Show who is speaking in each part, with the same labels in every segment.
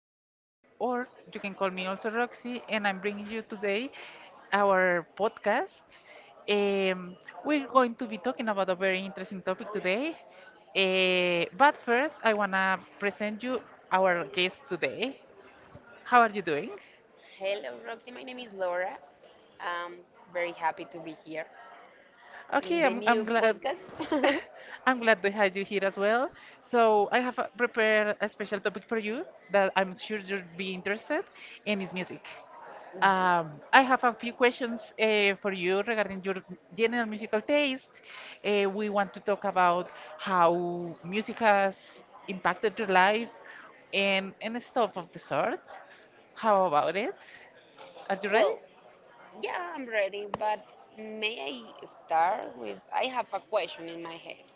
Speaker 1: Alejandra, or you can call me also Roxy, and I'm bringing you today our podcast. Um, we're going to be talking about a very interesting topic today. But first, I want to present you our guest today. How are you doing?
Speaker 2: Hello, Roxy. My name is Laura. I'm very happy to be here
Speaker 1: Okay,
Speaker 2: in the
Speaker 1: I'm
Speaker 2: new
Speaker 1: glad.
Speaker 2: podcast.
Speaker 1: I'm glad to have you here as well. So I have prepared a special topic for you that I'm sure you'll be interested, and it's music. I have a few questions for you regarding your general musical taste. We want to talk about how music has impacted your life and stuff of the sort. How about it? Are you ready?
Speaker 2: well, Yeah, I'm ready, but may I start with I have a question in my head.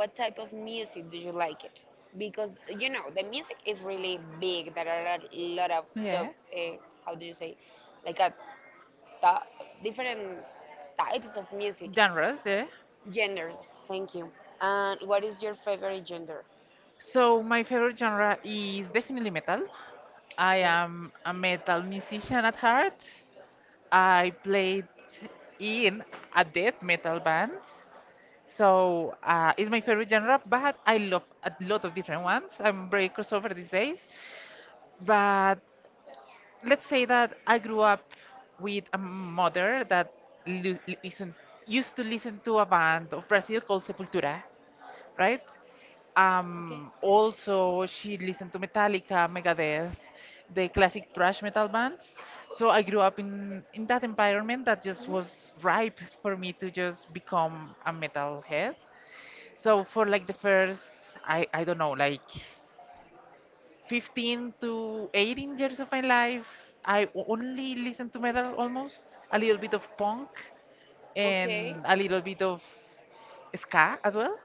Speaker 2: What type of music do you like it? Because you know, the music is really big. There are a lot of
Speaker 1: Yeah.
Speaker 2: top, uh, how do you say, like a ta- different types of music,
Speaker 1: Genres, yeah.
Speaker 2: genders. Thank you. And what is your favorite gender?
Speaker 1: So my favorite genre is definitely metal. I
Speaker 2: Okay.
Speaker 1: am a metal musician at heart. I played in a death metal band. So it's my favorite genre, but I love a lot of different ones. I'm very crossover these days. But let's say that I grew up with a mother that lu- listen, used to listen to a band of Brazil called Sepultura, right?
Speaker 2: Okay.
Speaker 1: Also, she listened to Metallica, Megadeth, the classic thrash metal bands. So I grew up in that environment that just
Speaker 2: Mhm.
Speaker 1: was ripe for me to just become a metalhead. So for like the first, I don't know, like 15 to 18 years of my life, only listened to metal almost, a little bit of punk,
Speaker 2: Okay.
Speaker 1: and a little bit of ska as well.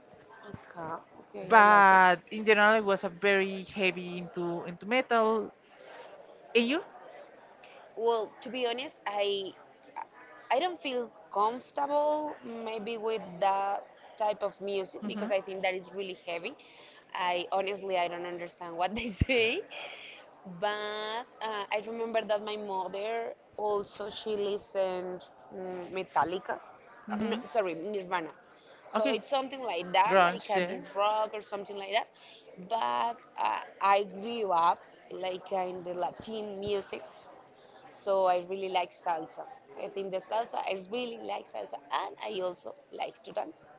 Speaker 2: Ska. Okay, I like it.
Speaker 1: But in general, I was a very heavy into metal. And you?
Speaker 2: Well, to be honest, I don't feel comfortable maybe with that type of music
Speaker 1: hmm
Speaker 2: because I think that is really heavy. I honestly I don't understand what they say, but I remember that my mother also she listened Metallica,
Speaker 1: hmm
Speaker 2: no sorry Nirvana, so
Speaker 1: Okay,
Speaker 2: it's something like that,
Speaker 1: grunge,
Speaker 2: like a
Speaker 1: yeah.
Speaker 2: the rock or something like that. But I grew up like in the Latin musics so I really like salsa. I think the salsa, I really like salsa, and I also like to dance.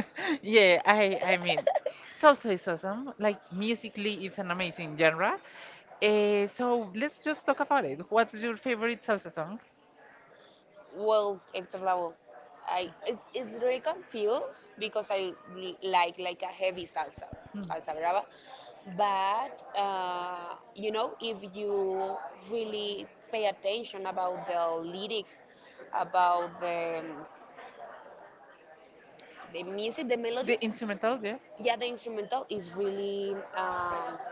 Speaker 1: Yeah, I mean, salsa is awesome. Like musically, it's an amazing genre. So let's just talk about it. What's your favorite salsa song?
Speaker 2: Well, Hector Lavoe, I it's really confused because I like a heavy salsa,
Speaker 1: Mm.
Speaker 2: salsa brava. But you know, if you really pay attention about the lyrics, about the music, the
Speaker 1: The
Speaker 2: melody,
Speaker 1: instrumental, yeah.
Speaker 2: yeah, the instrumental is really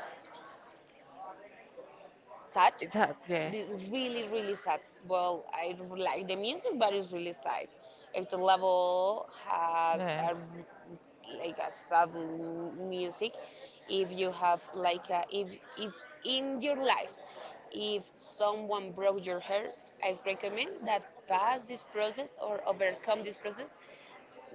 Speaker 2: sad,
Speaker 1: It's hard, yeah.
Speaker 2: really, really sad. Well, I really like the music, but it's really sad. Hector Lavoe has
Speaker 1: Yeah.
Speaker 2: like a sad music. If you have like a, if in your life, if someone broke your heart, I recommend that pass this process or overcome this process.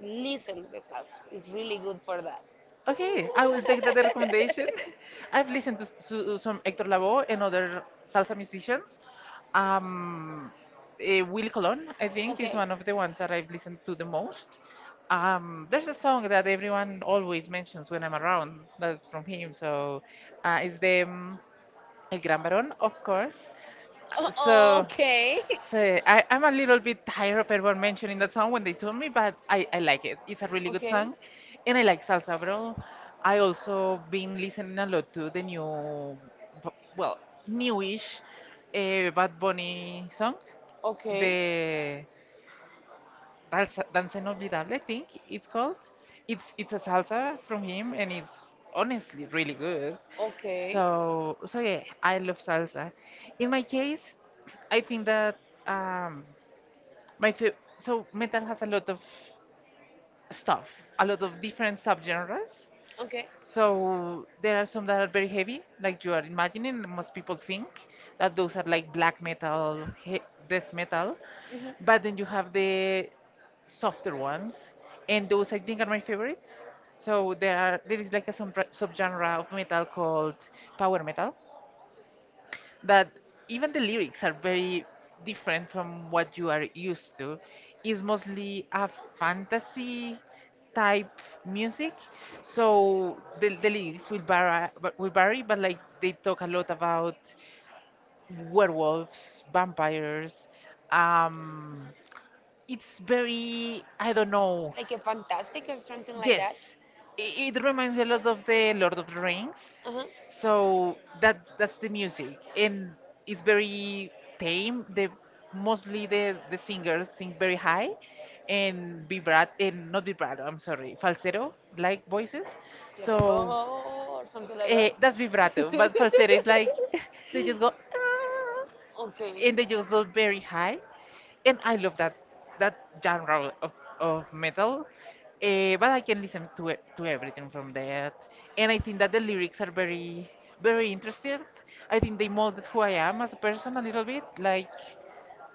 Speaker 2: Listen to the salsa. It's really good for that.
Speaker 1: Okay, I will take that recommendation. I've listened to, to some Hector Lavoe and other salsa musicians. Um, Willy Colon, I think, is
Speaker 2: Okay.
Speaker 1: one of the ones that I've listened to the most. There's a song that everyone always mentions when I'm around that's from him, so it's the El Gran Barón, of course. So
Speaker 2: Okay.
Speaker 1: so I'm a little bit tired of everyone mentioning that song when they told me, but I like it. It's a really good
Speaker 2: Okay.
Speaker 1: song, and I like salsa, bro. I also been listening a lot to the bu- well, newish Bad Bunny song,
Speaker 2: Okay.
Speaker 1: the Danza Inolvidable, I think it's called. It's a salsa from him, and it's honestly really good.
Speaker 2: Okay.
Speaker 1: So yeah, I love salsa. In my case, I think that. Um, so metal has a lot of stuff, a lot of different subgenres.
Speaker 2: Okay.
Speaker 1: So there are some that are very heavy, like you are imagining. Most people think that those are like black metal, death metal,
Speaker 2: Hmm.
Speaker 1: but then you have the softer ones, and those I think are my favorites. So there is like a subgenre of metal called power metal, that even the lyrics are very different from what you are used to. It's mostly a fantasy type music, so the lyrics will vary, but like they talk a lot about werewolves, vampires. Um, it's very I don't know.
Speaker 2: Like a fantastic or something like that.
Speaker 1: Yes, it reminds a lot of the Lord of the Rings.
Speaker 2: Uh-huh.
Speaker 1: So that's the music, and it's very tame. The mostly the singers sing very high, and vibrato, and not vibrato. I'm sorry, falsetto like voices.
Speaker 2: Like
Speaker 1: So
Speaker 2: a, oh or something like that.
Speaker 1: that's vibrato, but falsetto is like they just go "Ah,"
Speaker 2: okay.
Speaker 1: and they just go very high and I love that genre of metal. But I can listen to to everything from that, and I think that the lyrics are very very interesting. I think they molded who I am as a person a little bit. Like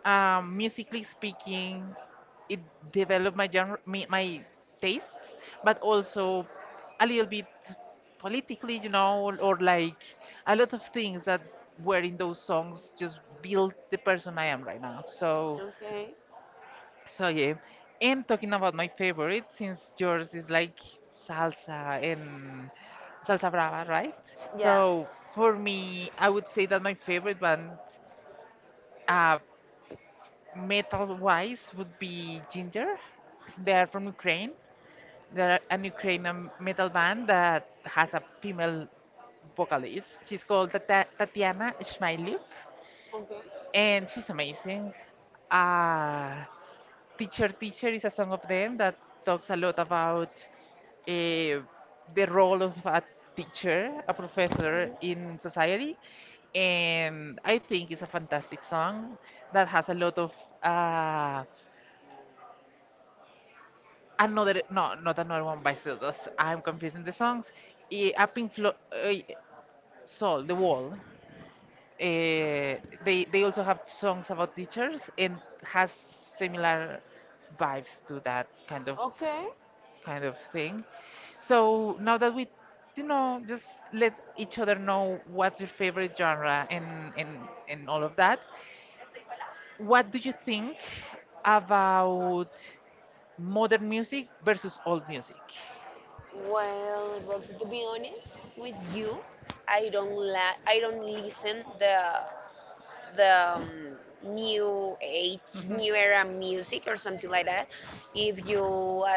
Speaker 1: musically speaking, it developed my genre, my tastes, but also a little bit politically, you know, or like a lot of things that were in those songs just built the person I am right now. So
Speaker 2: Okay.
Speaker 1: so yeah, and talking about my favorite, since yours is like salsa and salsa brava, right?
Speaker 2: Yeah.
Speaker 1: So for me, I would say that my favorite band, uh, metal-wise, would be Ginger. They are from Ukraine. They're an Ukrainian metal band that has a female vocalist. She's called Tata Tatiana Shmylyuk,
Speaker 2: Okay.
Speaker 1: and she's amazing. Uh, Teacher Teacher is a song of them that talks a lot about eh, the role of a teacher, a professor in society. And I think it's a fantastic song that has a lot of uh, another, no, not another one by Stardust. I'm confusing the songs. A Pink Floyd, Soul, The Wall. eh, they also have songs about teachers and has similar vibes to that kind of
Speaker 2: Okay.
Speaker 1: thing. So now that you know, just let each other know what's your favorite genre and and all of that. What do you think about modern music versus old music?
Speaker 2: Well, Roxy, to be honest with you, I don't la- I don't listen the the um, new age,
Speaker 1: Mhm.
Speaker 2: new era music or something like that. If you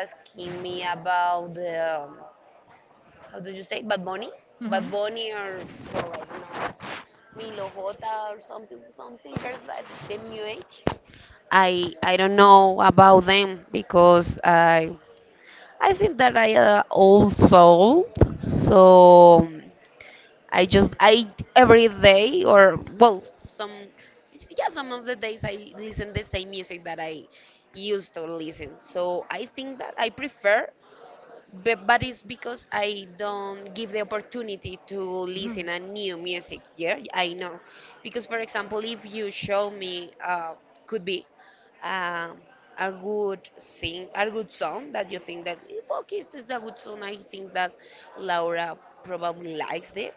Speaker 2: asking me about the how do you say Bad Bunny, Bad
Speaker 1: Mhm.
Speaker 2: Bunny or well, I don't know Milo Jota or something, some singers that the new age. I don't know about them because I think that I old soul, so I just I every day or well some yeah some of the days I listen the same music that I used to listen. So I think that I prefer but it's because I don't give the opportunity to listen a new music. Yeah, I know. Because for example, if you show me, could be um a good sing, a good song that you think that "Eh, okay, this is a good song. I think that Laura probably likes it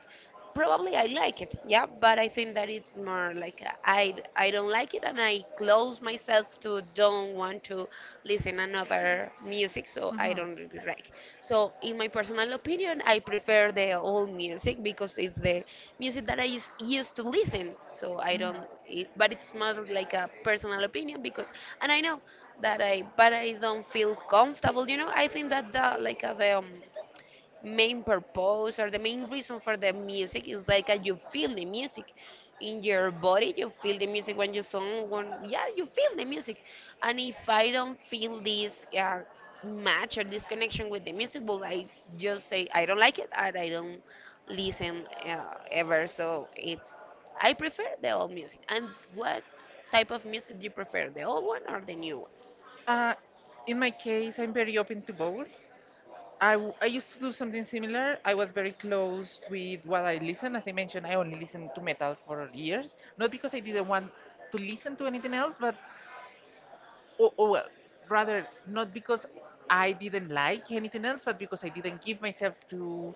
Speaker 2: probably I like it, yeah, but I think that it's more like I don't like it and I close myself to don't want to listen another music, so I don't really like. So in my personal opinion, I prefer the old music because it's the music that I used to listen. So I don't, it, but it's more like a personal opinion because, and I know that I, but I don't feel comfortable. You know, I think that the like the main purpose or the main reason for the music is like you feel the music in your body, you feel the music when you song when yeah you feel the music, and if I don't feel this match or this connection with the music, well I just say I don't like it and I don't listen ever. So it's I prefer the old music. And what type of music do you prefer, the old one or the new one?
Speaker 1: Uh, in my case, I'm very open to both. I used to do something similar. I was very closed with what I listen. As I mentioned, I only listened to metal for years. Not because I didn't want to listen to anything else, but, or well, rather, not because I didn't like anything else, but because I didn't give myself to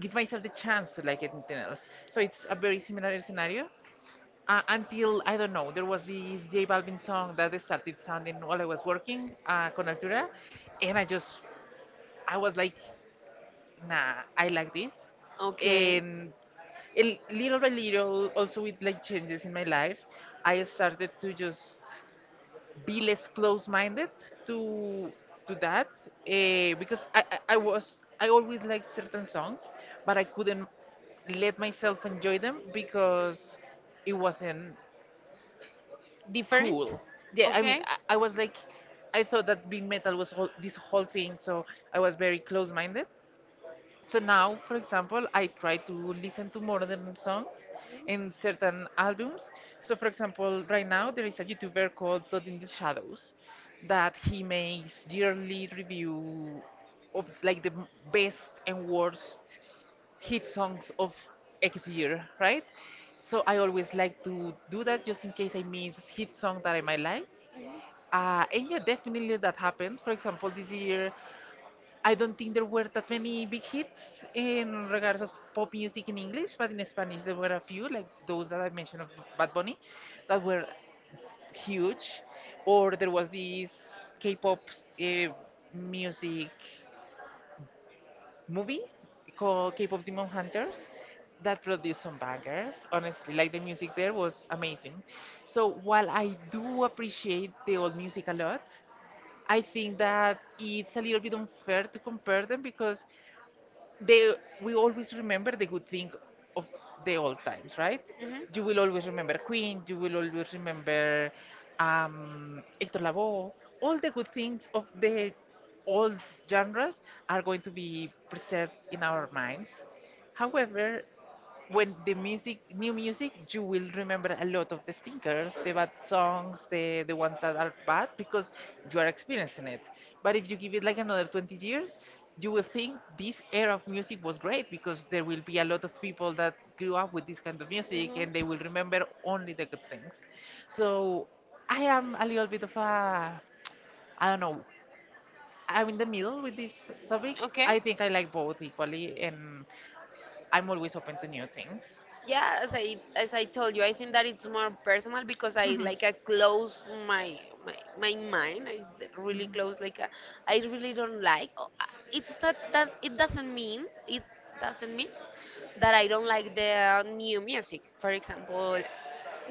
Speaker 1: give myself the chance to like anything else. So it's a very similar scenario until I don't know, there was this J Balvin song that they started sounding while I was working con Altura, and I just I was like, nah, I like this,
Speaker 2: Okay.
Speaker 1: and, and little by little, also with like changes in my life, I started to just be less close-minded to to that because I always liked certain songs, but I couldn't let myself enjoy them because it wasn't
Speaker 2: Different.
Speaker 1: cool. Yeah, I mean,
Speaker 2: Okay.
Speaker 1: I was like, I thought that being metal was whole, this whole thing, so I was very close minded. So now, for example, I try to listen to modern songs and certain albums. So, for example, right now there is a YouTuber called Todd in the Shadows that he makes yearly review of like the best and worst hit songs of X year, right? So I always like to do that just in case I miss a hit song that I might like.
Speaker 2: Mhm.
Speaker 1: And yeah, definitely that happened. For example, this year I don't think there were that many big hits in regards of pop music in English, but in Spanish there were a few, like those that I mentioned of Bad Bunny, that were huge. Or there was this K-pop uh, music movie called K-pop Demon Hunters that produced some bangers. Honestly, like the music there was amazing. So while I do appreciate the old music a lot, I think that it's a little bit unfair to compare them because they we always remember the good thing of the old times, right? You will always remember Queen, you will always remember Hector Lavoe. All the good things of the old genres are going to be preserved in our minds. However, when new music, you will remember a lot of the stinkers, the bad songs, the ones that are bad because you are experiencing it. But if you give it like another 20 years, you will think this era of music was great because there will be a lot of people that grew up with this kind of music
Speaker 2: Mhm.
Speaker 1: and they will remember only the good things. So I am a little bit of a, I don't know, I'm in the middle with this topic.
Speaker 2: Okay.
Speaker 1: I think I like both equally and I'm always open to new things.
Speaker 2: Yeah, as I told you, I think that it's more personal because I like I close my my mind. I really close like I really don't like. Oh, it's not that it doesn't mean that I don't like the new music. For example,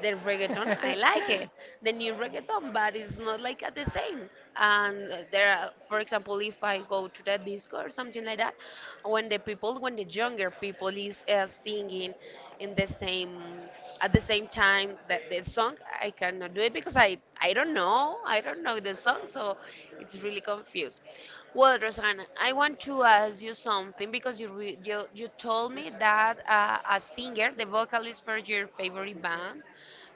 Speaker 2: the reggaeton, I like it. The new reggaeton, but it's not like at the same. And there are, for example, if I go to the disco or something like that, when the people, when the younger people is singing in the same, at the same time that the song, I cannot do it because I don't know the song, so it's gets really confused. Well, Rosanna, I want to ask you something because you told me that a singer, the vocalist for your favorite band,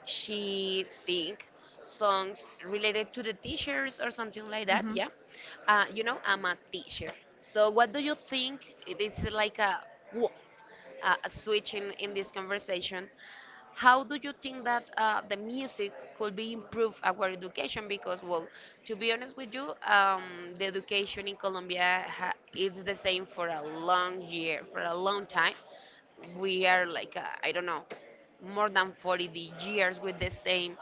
Speaker 2: she sing songs related to the
Speaker 1: Mhm.
Speaker 2: teachers or something like that.
Speaker 1: hmm
Speaker 2: Yeah, you know, I'm a teacher. So what do you think? It's like a wha- switching in this conversation, how do you think that the music could be improve our education? Because, well, to be honest with you, the education in Colombia it's the same for a long year, for a long time we are like I don't know more than 40 years with the same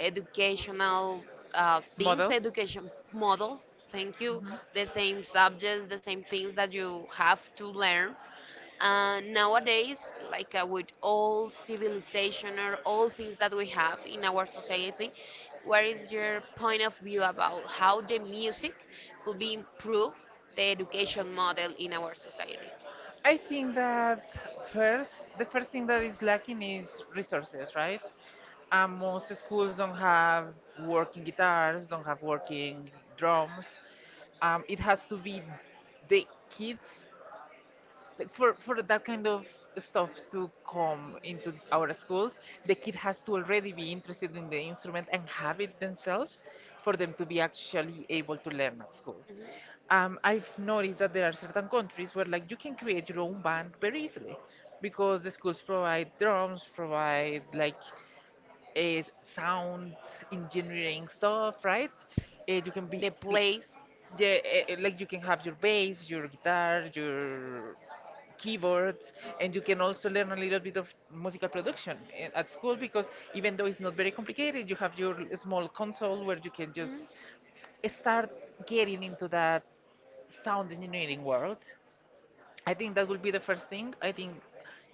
Speaker 2: educational things, education model. Thank
Speaker 1: hmm we have to learn and
Speaker 2: you.
Speaker 1: make all the stationer stuff we have place. Where
Speaker 2: The same
Speaker 1: is the
Speaker 2: subjects, the same things that you have to learn.
Speaker 1: point?
Speaker 2: Nowadays, like with all civilization or all things that we have in our society, what is your point of view about
Speaker 1: How
Speaker 2: how
Speaker 1: do
Speaker 2: the
Speaker 1: we use it
Speaker 2: music
Speaker 1: to
Speaker 2: could
Speaker 1: be
Speaker 2: be
Speaker 1: true?
Speaker 2: improved the
Speaker 1: Then measure
Speaker 2: education
Speaker 1: on it.
Speaker 2: model in our society?
Speaker 1: I think that first, the first thing that is lacking is resources, right? Most schools don't have working guitars, don't have working drums. It has to be the kids, like for that kind of stuff to come into our schools. The kid has to already be interested in the instrument and have it themselves for them to be actually able to learn at school.
Speaker 2: Mhm.
Speaker 1: I've noticed that there are certain countries where like you can create your own band very easily because the schools provide drums, provide like a sound engineering stuff, right? You can be,
Speaker 2: The place.
Speaker 1: yeah, like you can have your bass, your guitar, your keyboards, and you can also learn a little bit of musical production at school because even though it's not very complicated, you have your small console where you can just start getting into that sound engineering world. I think that will be the first thing. I think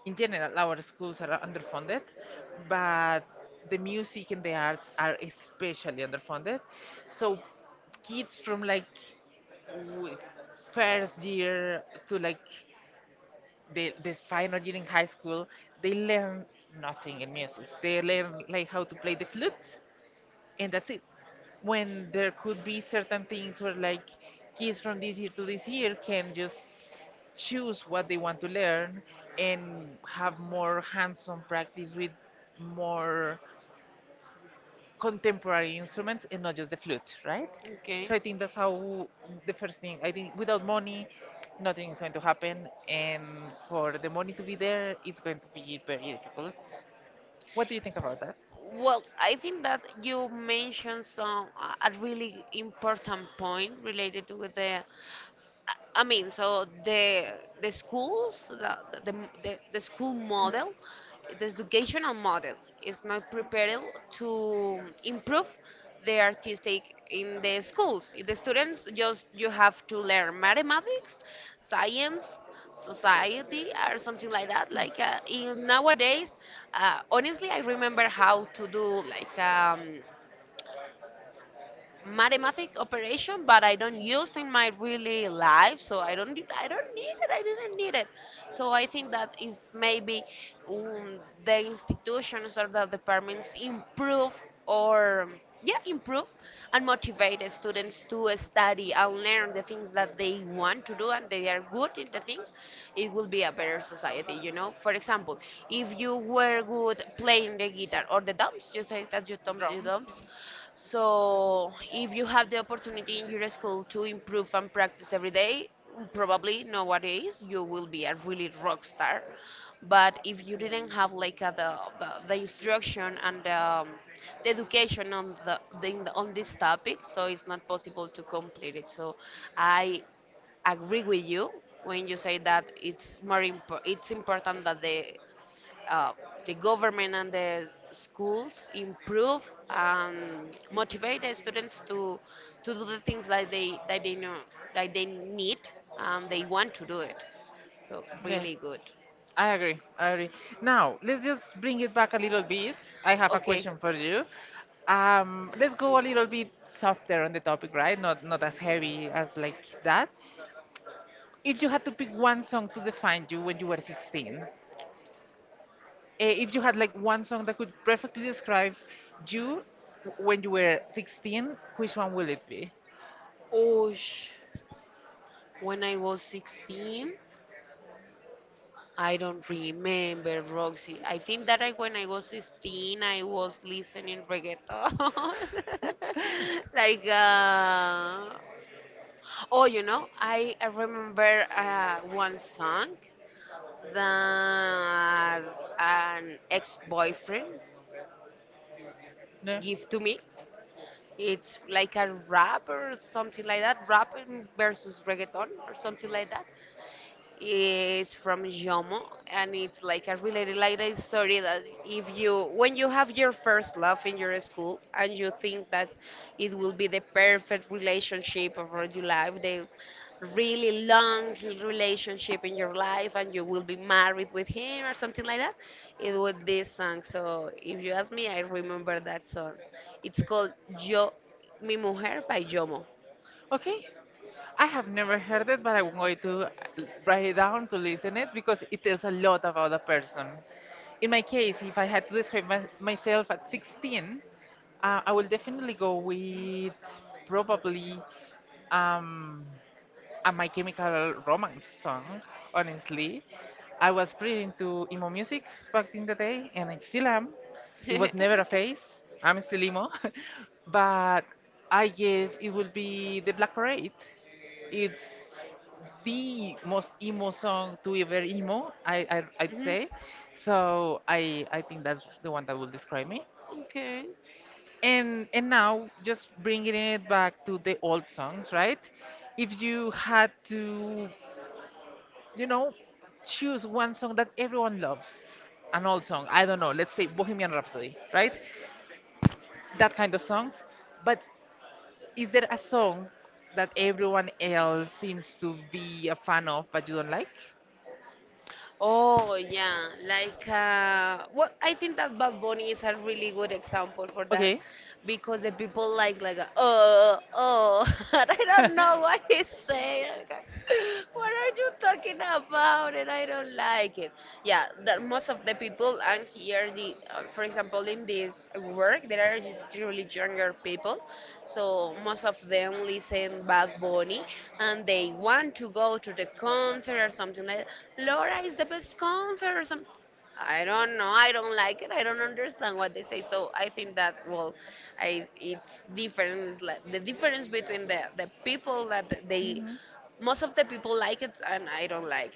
Speaker 1: in general our schools are underfunded, but the music and the arts are especially underfunded. So kids from like w- first year to like the final year in high school, they learn nothing in music. They learn like how to play the flute, and that's it. When there could be certain things where like kids from this year to this year can just choose what they want to learn and have more hands-on practice with more contemporary instruments and not just the flute, right?
Speaker 2: Mhm. Okay.
Speaker 1: So I think that's how the first thing. I think without money, nothing is going to happen, and for the money to be there, it's going to be very difficult. What do you think about that?
Speaker 2: Well, I think that you mentioned some a really important point related to the I mean, so the schools, the, the school model, the educational model is not prepared to improve the artistic in the schools. The students just you have to learn mathematics, science, society, or something like that. Like in nowadays, honestly, I remember how to do like. Mathematic operation, but I don't use in my really life, so I don't need it. I didn't need it. So I think that if maybe the institutions or the departments improve or yeah improve and motivate the students to study and learn the things that they want to do and they are good in the things, it will be a better society, you know. For example, if you were good playing the guitar or the drums, you say that you
Speaker 1: Drums.
Speaker 2: drums. So, if you have the opportunity in your school to improve and practice every day, probably nowadays you will be a really rock star. But if you didn't have like the, the instruction and the education on the on this topic, so it's not possible to complete it. So, I agree with you when you say that it's more it's important that uh, the government and the schools improve and motivate the students to do the things that they know that they need and they want to do it. So
Speaker 1: Yeah,
Speaker 2: really good.
Speaker 1: I agree. I agree. Now, let's just bring it back a little bit. I have a
Speaker 2: Okay.
Speaker 1: question for you. Let's go a little bit softer on the topic, right? Not as heavy as like that. If you had to pick one song to define you when you were 16, eh, if you had like one song that could perfectly describe you when you were 16, which one will it be?
Speaker 2: Oh, sh- when I was 16, I don't remember, Roxy. I think that I, when I was 16, I was listening reggaeton. like oh, you know, I remember one song that an ex-boyfriend
Speaker 1: No?
Speaker 2: gave to me. It's like a rap or something like that, rap versus reggaeton or something like that. Is from Jomo, and it's like a related like a story that if you when you have your first love in your school and you think that it will be the perfect relationship of your life, the really long relationship in your life, and you will be married with him or something like that, it was this song. So if you ask me, I remember that song. It's called Yo Mi Mujer by Jomo.
Speaker 1: Okay. I have never heard it, but I'm going to write it down to listen it because it tells a lot about a person. In my case, if I had to describe myself at 16, I will definitely go with probably. Um, and My Chemical Romance song, honestly. I was pretty into emo music back in the day, and I still am. It was never a phase. I'm still emo. But I guess it will be The Black Parade. It's the most emo song to ever emo, I'd
Speaker 2: Mhm.
Speaker 1: say. So I think that's the one that will describe me.
Speaker 2: Okay.
Speaker 1: And now, just bringing it back to the old songs, right? If you had to, you know, choose one song that everyone loves, an old song. I don't know. Let's say Bohemian Rhapsody, right? That kind of songs. But is there a song that everyone else seems to be a fan of, but you don't like?
Speaker 2: Oh yeah, like well, I think that Bad Bunny is a really good example for that
Speaker 1: Okay.
Speaker 2: because the people like oh, and I don't know what he's saying. Like, what are you talking about? And I don't like it, yeah, that most of the people, and here the for example in this work there are really younger people, so most of them listen Bad Bunny and they want to go to the concert or something like that. Laura is the best concert or something. I don't know. I don't like it. I don't understand what they say. So I think that well, I it's difference like the difference between the people that they
Speaker 1: Mhm.
Speaker 2: most of the people like it and I don't like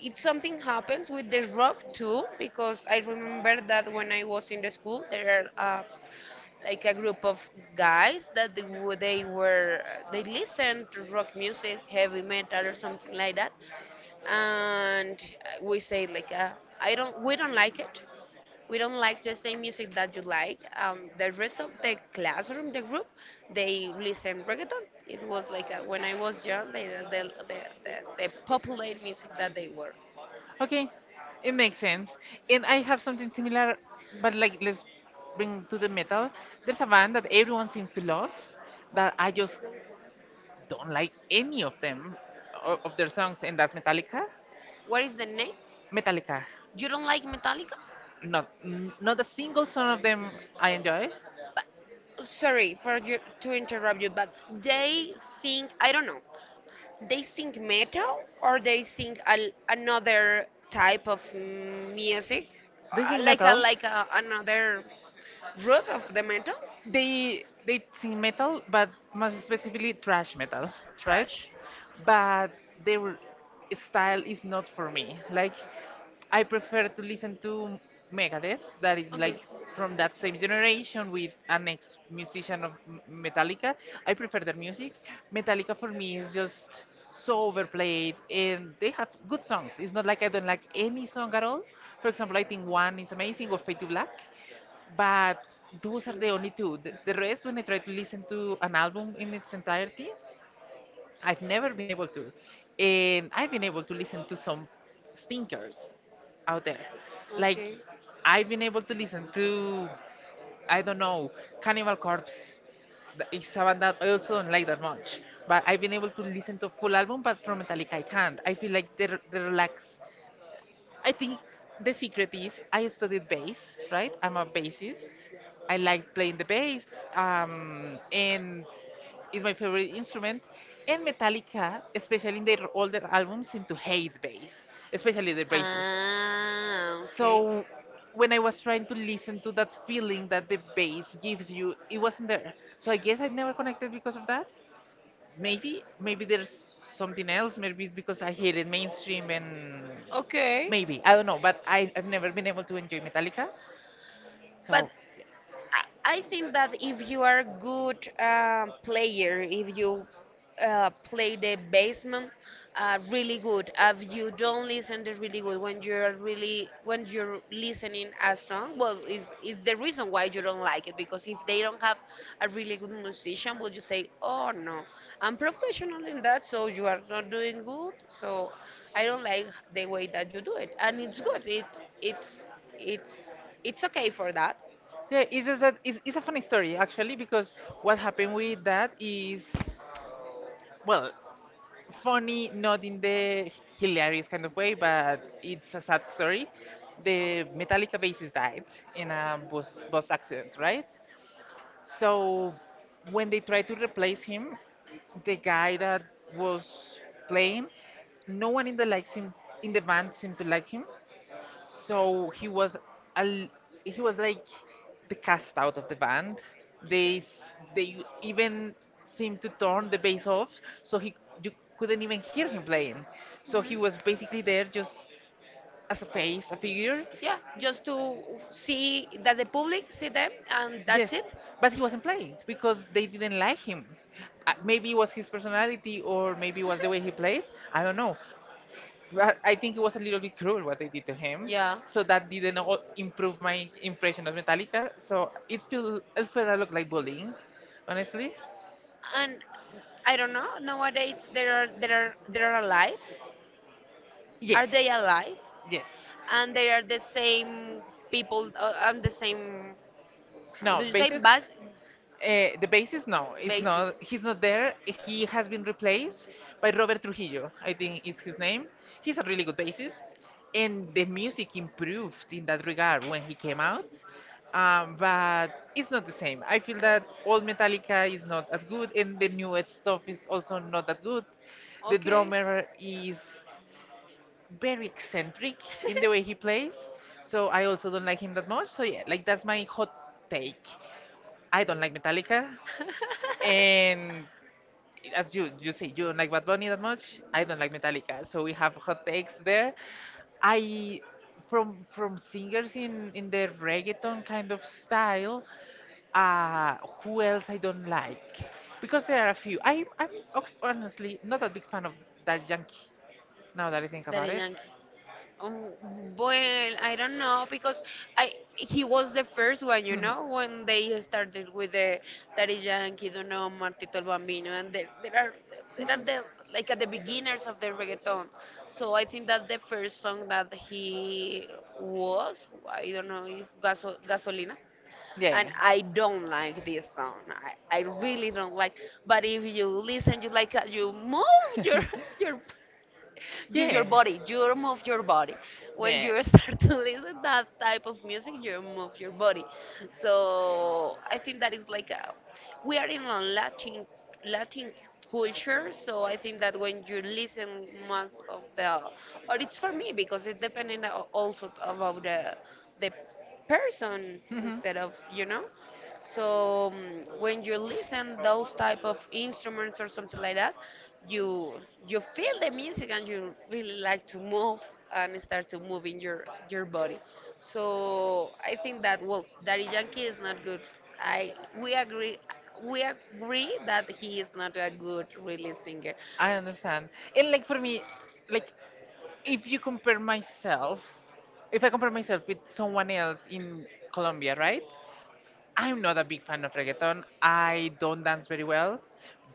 Speaker 2: it. Something happens with the rock too because I remember that when I was in the school there are like a group of guys that they, w- they were they listened to rock music, heavy metal or something like that. And we say like I don't we don't like it. We don't like the same music that you like. The rest of the classroom, the group, they listen reggaeton. It was like when I was young the, the, the popular music that they were.
Speaker 1: Okay, it makes sense. And I have something similar, but like let's bring to the metal. There's a band that everyone seems to love that I just don't like any of them of their songs, and that's Metallica.
Speaker 2: What is the name?
Speaker 1: Metallica,
Speaker 2: You don't like Metallica?
Speaker 1: not a single song of them I enjoy.
Speaker 2: But sorry for you to interrupt you, but they sing, I don't know. They sing metal or they sing a, another type of music,
Speaker 1: They sing
Speaker 2: like a
Speaker 1: metal,
Speaker 2: another root of the metal.
Speaker 1: they sing metal, but most specifically thrash metal, right?
Speaker 2: Trash.
Speaker 1: But their style is not for me. Like I prefer to listen to Megadeth, that is
Speaker 2: Okay.
Speaker 1: like from that same generation with an ex musician of Metallica. I prefer their music. Metallica for me is just so overplayed, and they have good songs. It's not like I don't like any song at all. For example, I think One is amazing, or Fade to Black, but those are the only two. The rest, when I try to listen to an album in its entirety, I've never been able to. And I've been able to listen to some stinkers out there. Like,
Speaker 2: Okay.
Speaker 1: I've been able to listen to, I don't know, Cannibal Corpse. It's a band that I also don't like that much. But I've been able to listen to full album, but from Metallica I can't. I feel like they relax. I think the secret is I studied bass, right? I'm a bassist. I like playing the bass, and it's my favorite instrument. And Metallica, especially in their older albums, seem to hate bass, especially the bassist.
Speaker 2: Ah, okay.
Speaker 1: So when I was trying to listen to that feeling that the bass gives you, it wasn't there. So I guess I never connected because of that. Maybe there's something else, maybe it's because I hated mainstream, and
Speaker 2: Okay,
Speaker 1: maybe I don't know, but I've never been able to enjoy Metallica.
Speaker 2: but
Speaker 1: So yeah,
Speaker 2: I think that if you are a good player, if you play the basement really good, if you don't listen the really good when you're really when you're listening a song, well, is the reason why you don't like it? Because if they don't have a really good musician, will you say, oh no, I'm professional in that, so you are not doing good, so I don't like the way that you do it, and it's good, it's it's okay for that.
Speaker 1: yeah, it's just that it's a funny story actually because what happened with that is, well, funny not in the hilarious kind of way but it's a sad story. The Metallica bassist died in a bus accident, right? So when they tried to replace him, the guy that was playing, no one in the band seemed to like him. So he was al, he was like the cast out of the band. They they even seemed to turn the bass off, so he, you couldn't even hear him playing. So
Speaker 2: Mhm.
Speaker 1: he was basically there just as a face, a figure.
Speaker 2: Yeah, just to see that the public see them and
Speaker 1: Yes,
Speaker 2: that's it.
Speaker 1: but he wasn't playing because they didn't like him. Maybe it was his personality, or maybe it was the way he played. I don't know. But I think it was a little bit cruel what they did to him.
Speaker 2: Yeah.
Speaker 1: So that didn't all improve my impression of Metallica. So it feel it felt a lot like bullying, honestly.
Speaker 2: And I don't know. Nowadays, there are alive.
Speaker 1: Yes,
Speaker 2: Are they alive?
Speaker 1: yes.
Speaker 2: And they are the same people and the same. How
Speaker 1: No,
Speaker 2: do you say
Speaker 1: basis.
Speaker 2: bas
Speaker 1: The basis, no, it's
Speaker 2: basis?
Speaker 1: not. He's not there. He has been replaced by Robert Trujillo, I think is his name. He's a really good bassist, and the music improved in that regard when he came out. But it's not the same. I feel that old Metallica is not as good, and the newest stuff is also not that good. The
Speaker 2: Okay.
Speaker 1: drummer is very eccentric in the way he plays, so I also don't like him that much. So yeah, like that's my hot take. I don't like Metallica. And as you say, you don't like Bad Bunny that much. I don't like Metallica, so we have hot takes there. I from singers in the reggaeton kind of style. Uh, who else I don't like? Because there are a few. I'm ox- honestly not a big fan of that Yankee. Now that I think about
Speaker 2: Daddy
Speaker 1: it,
Speaker 2: Yankee. Um, well, I don't know because I he was the first one, you know, when they started with the Daddy Yankee, Dono, Martito el Bambino, and there are the like at the beginners of the reggaeton. So I think that the first song that he was, I don't know, if Gaso, Gasolina. And
Speaker 1: yeah.
Speaker 2: I don't like this song. I really don't like. But if you listen, you like you move your your you're
Speaker 1: Yeah.
Speaker 2: your body. You move your body. When you start to listen that type of music, you move your body. So I think that is like a, we are in a Latin culture. So I think that when you listen most of the, or it's for me because it depending a- also about the person instead of so, mm, when you listen those type of instruments or something like that, you you feel the music and you really like to move and start to move in your body. So I think that well, Daddy Yankee is not good. I we agree, we agree that he is not a good really singer.
Speaker 1: I understand. And like for me, like if you compare myself, if I compare myself with someone else in Colombia, right? I'm not a big fan of reggaeton. I don't dance very well.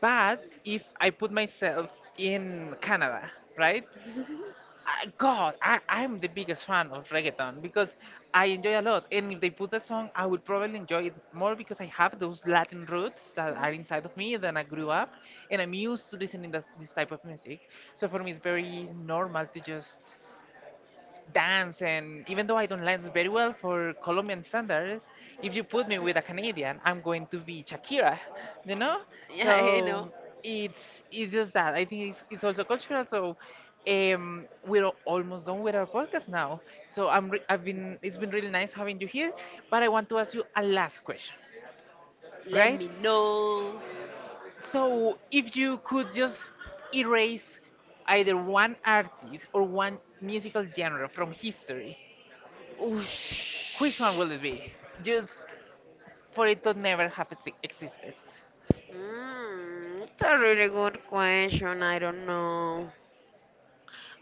Speaker 1: But if I put myself in Canada, right? I, God, I'm the biggest fan of reggaeton because I enjoy a lot. And if they put a song, I would probably enjoy it more because I have those Latin roots that are
Speaker 2: Mhm.
Speaker 1: inside of me. Then I grew up and I'm used to listening to this type of music. So for me, it's very normal to just dance, and even though I don't dance very well for Colombian standards, if you put me with a Canadian, I'm going to be Shakira, you know?
Speaker 2: Yeah, I know.
Speaker 1: So it's just that. I think it's also cultural. So we're almost done with our podcast now. So I'm I've been, it's been really nice having you here, but I want to ask you a last question,
Speaker 2: Let
Speaker 1: right?
Speaker 2: me know.
Speaker 1: So if you could just erase either one artist or one musical genre from history,
Speaker 2: Oosh.
Speaker 1: which one will it be? Just for it to never have existed.
Speaker 2: Mm, it's a really good question. I don't know.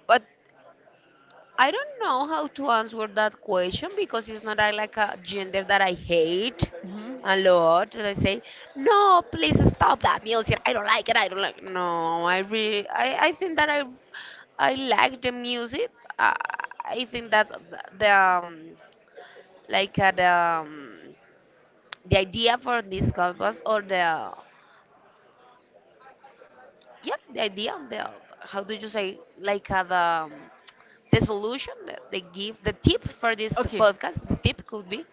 Speaker 2: But I don't know how to answer that question because it's not a, like a gender that I hate
Speaker 1: Hmm.
Speaker 2: a lot. And I say, no, please stop that music. I don't like it. I don't like. No, I really, I think that I like the music. Uh, I think that th- the, like the idea for this campus or the, yeah, the idea, the, how do you say, like the solution that they give, the tip for this
Speaker 1: Okay.
Speaker 2: podcast, the tip could be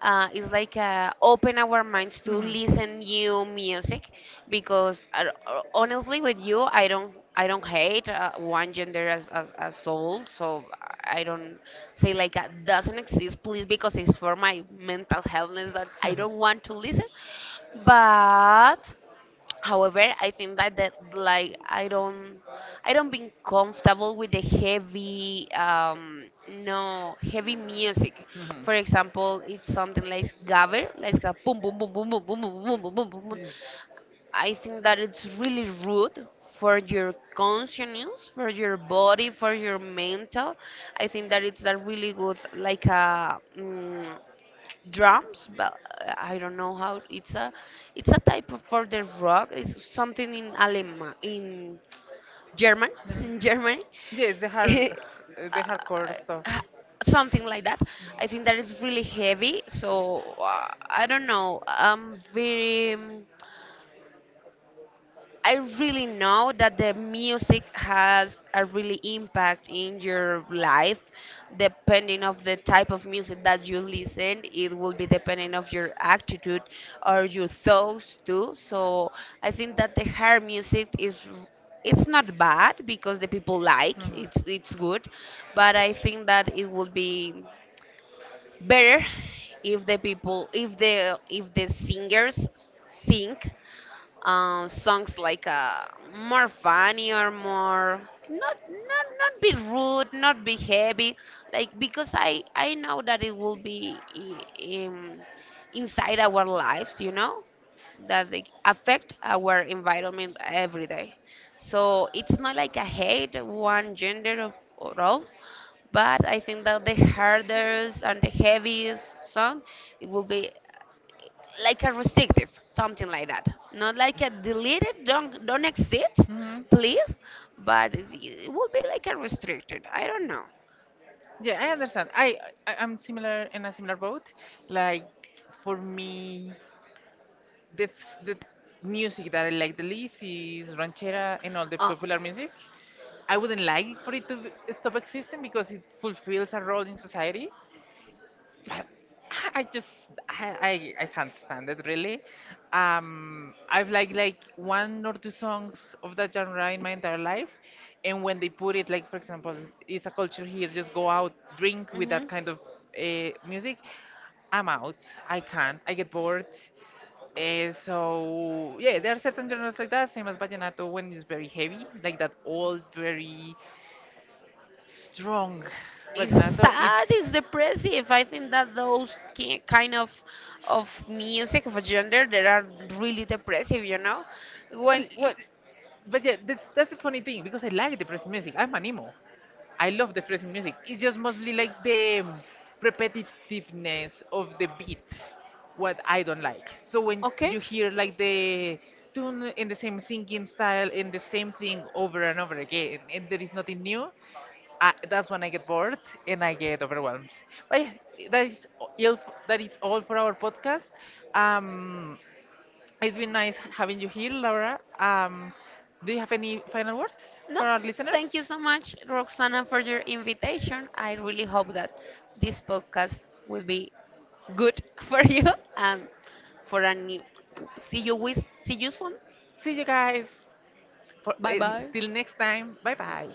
Speaker 2: is like open our minds to
Speaker 1: Mhm.
Speaker 2: listen new music because honestly with you I don't hate one gender as, as soul. So I don't say like that doesn't exist please, because it's for my mental health that I don't want to listen. But however, I think that, that like I don't being comfortable with the heavy no heavy music.
Speaker 1: Mhm.
Speaker 2: For example, it's something like gabber, like a boom boom boom boom boom boom boom boom boom boom boom boom. I think that it's really rude for your conscience, for your body, for your mental. I think that it's not really good like a, mm, drums but I don't know how, it's a type of for the rock, it's something in Alema in German, in Germany.
Speaker 1: Yes, the
Speaker 2: uh,
Speaker 1: hard, the hardcore stuff.
Speaker 2: uh, something like that. I think that it's really heavy, so I don't know, I'm very I really know that the music has a really impact in your life, depending of the type of music that you listen, it will be depending of your attitude or your thoughts too. So I think that the hard music is it's not bad because the people like it's good, but I think that it would be better if the people, if the singers sing songs like more funny or more not not not be rude, not be heavy, like because I know that it will be I- in, inside our lives, you know, that they affect our environment every day. So it's not like I hate one gender of or of, but I think that the hardest and the heaviest song, it will be like a restrictive, something like that. Not like a deleted, don't exist,
Speaker 1: Mhm. Mhm.
Speaker 2: please, but it's- it would be like a restricted. I don't know.
Speaker 1: Yeah, I understand. I I'm similar in a similar boat. Like for me, the music that I like the least is ranchera and all the popular music. I wouldn't like for it to stop existing because it fulfills a role in society. I just I can't stand it really. I've like one or two songs of that genre in my entire life, and when they put it like for example, it's a culture here, just go out, drink with
Speaker 2: Uh,
Speaker 1: that kind of music. I'm out. I can't. I get bored. So yeah, there are certain genres like that, same as vallenato when it's very heavy, like that old, very strong
Speaker 2: it's
Speaker 1: vallenato.
Speaker 2: sad, it's
Speaker 1: It's.
Speaker 2: depressive. I think that those ki- kind of music of a gender that are really depressive, you know. When
Speaker 1: But yeah, that's the funny thing because I like depressing music. I'm an emo. I love depressing music. It's just mostly like the repetitiveness of the beat, what I don't like. So when you
Speaker 2: okay,
Speaker 1: hear like the tune in the same singing style and the same thing over and over again, and there is nothing new, that's when I get bored and I get overwhelmed. But yeah, that is all, that is all for our podcast. Um, it's been nice having you here, Laura. Do you have any final words
Speaker 2: no,
Speaker 1: for our
Speaker 2: thank you
Speaker 1: listeners?
Speaker 2: so much, Roxana, for your invitation. I really hope that this podcast will be good for you and for a new. See you with see you soon.
Speaker 1: See you guys. For,
Speaker 2: Bye bye.
Speaker 1: until next time. Bye bye.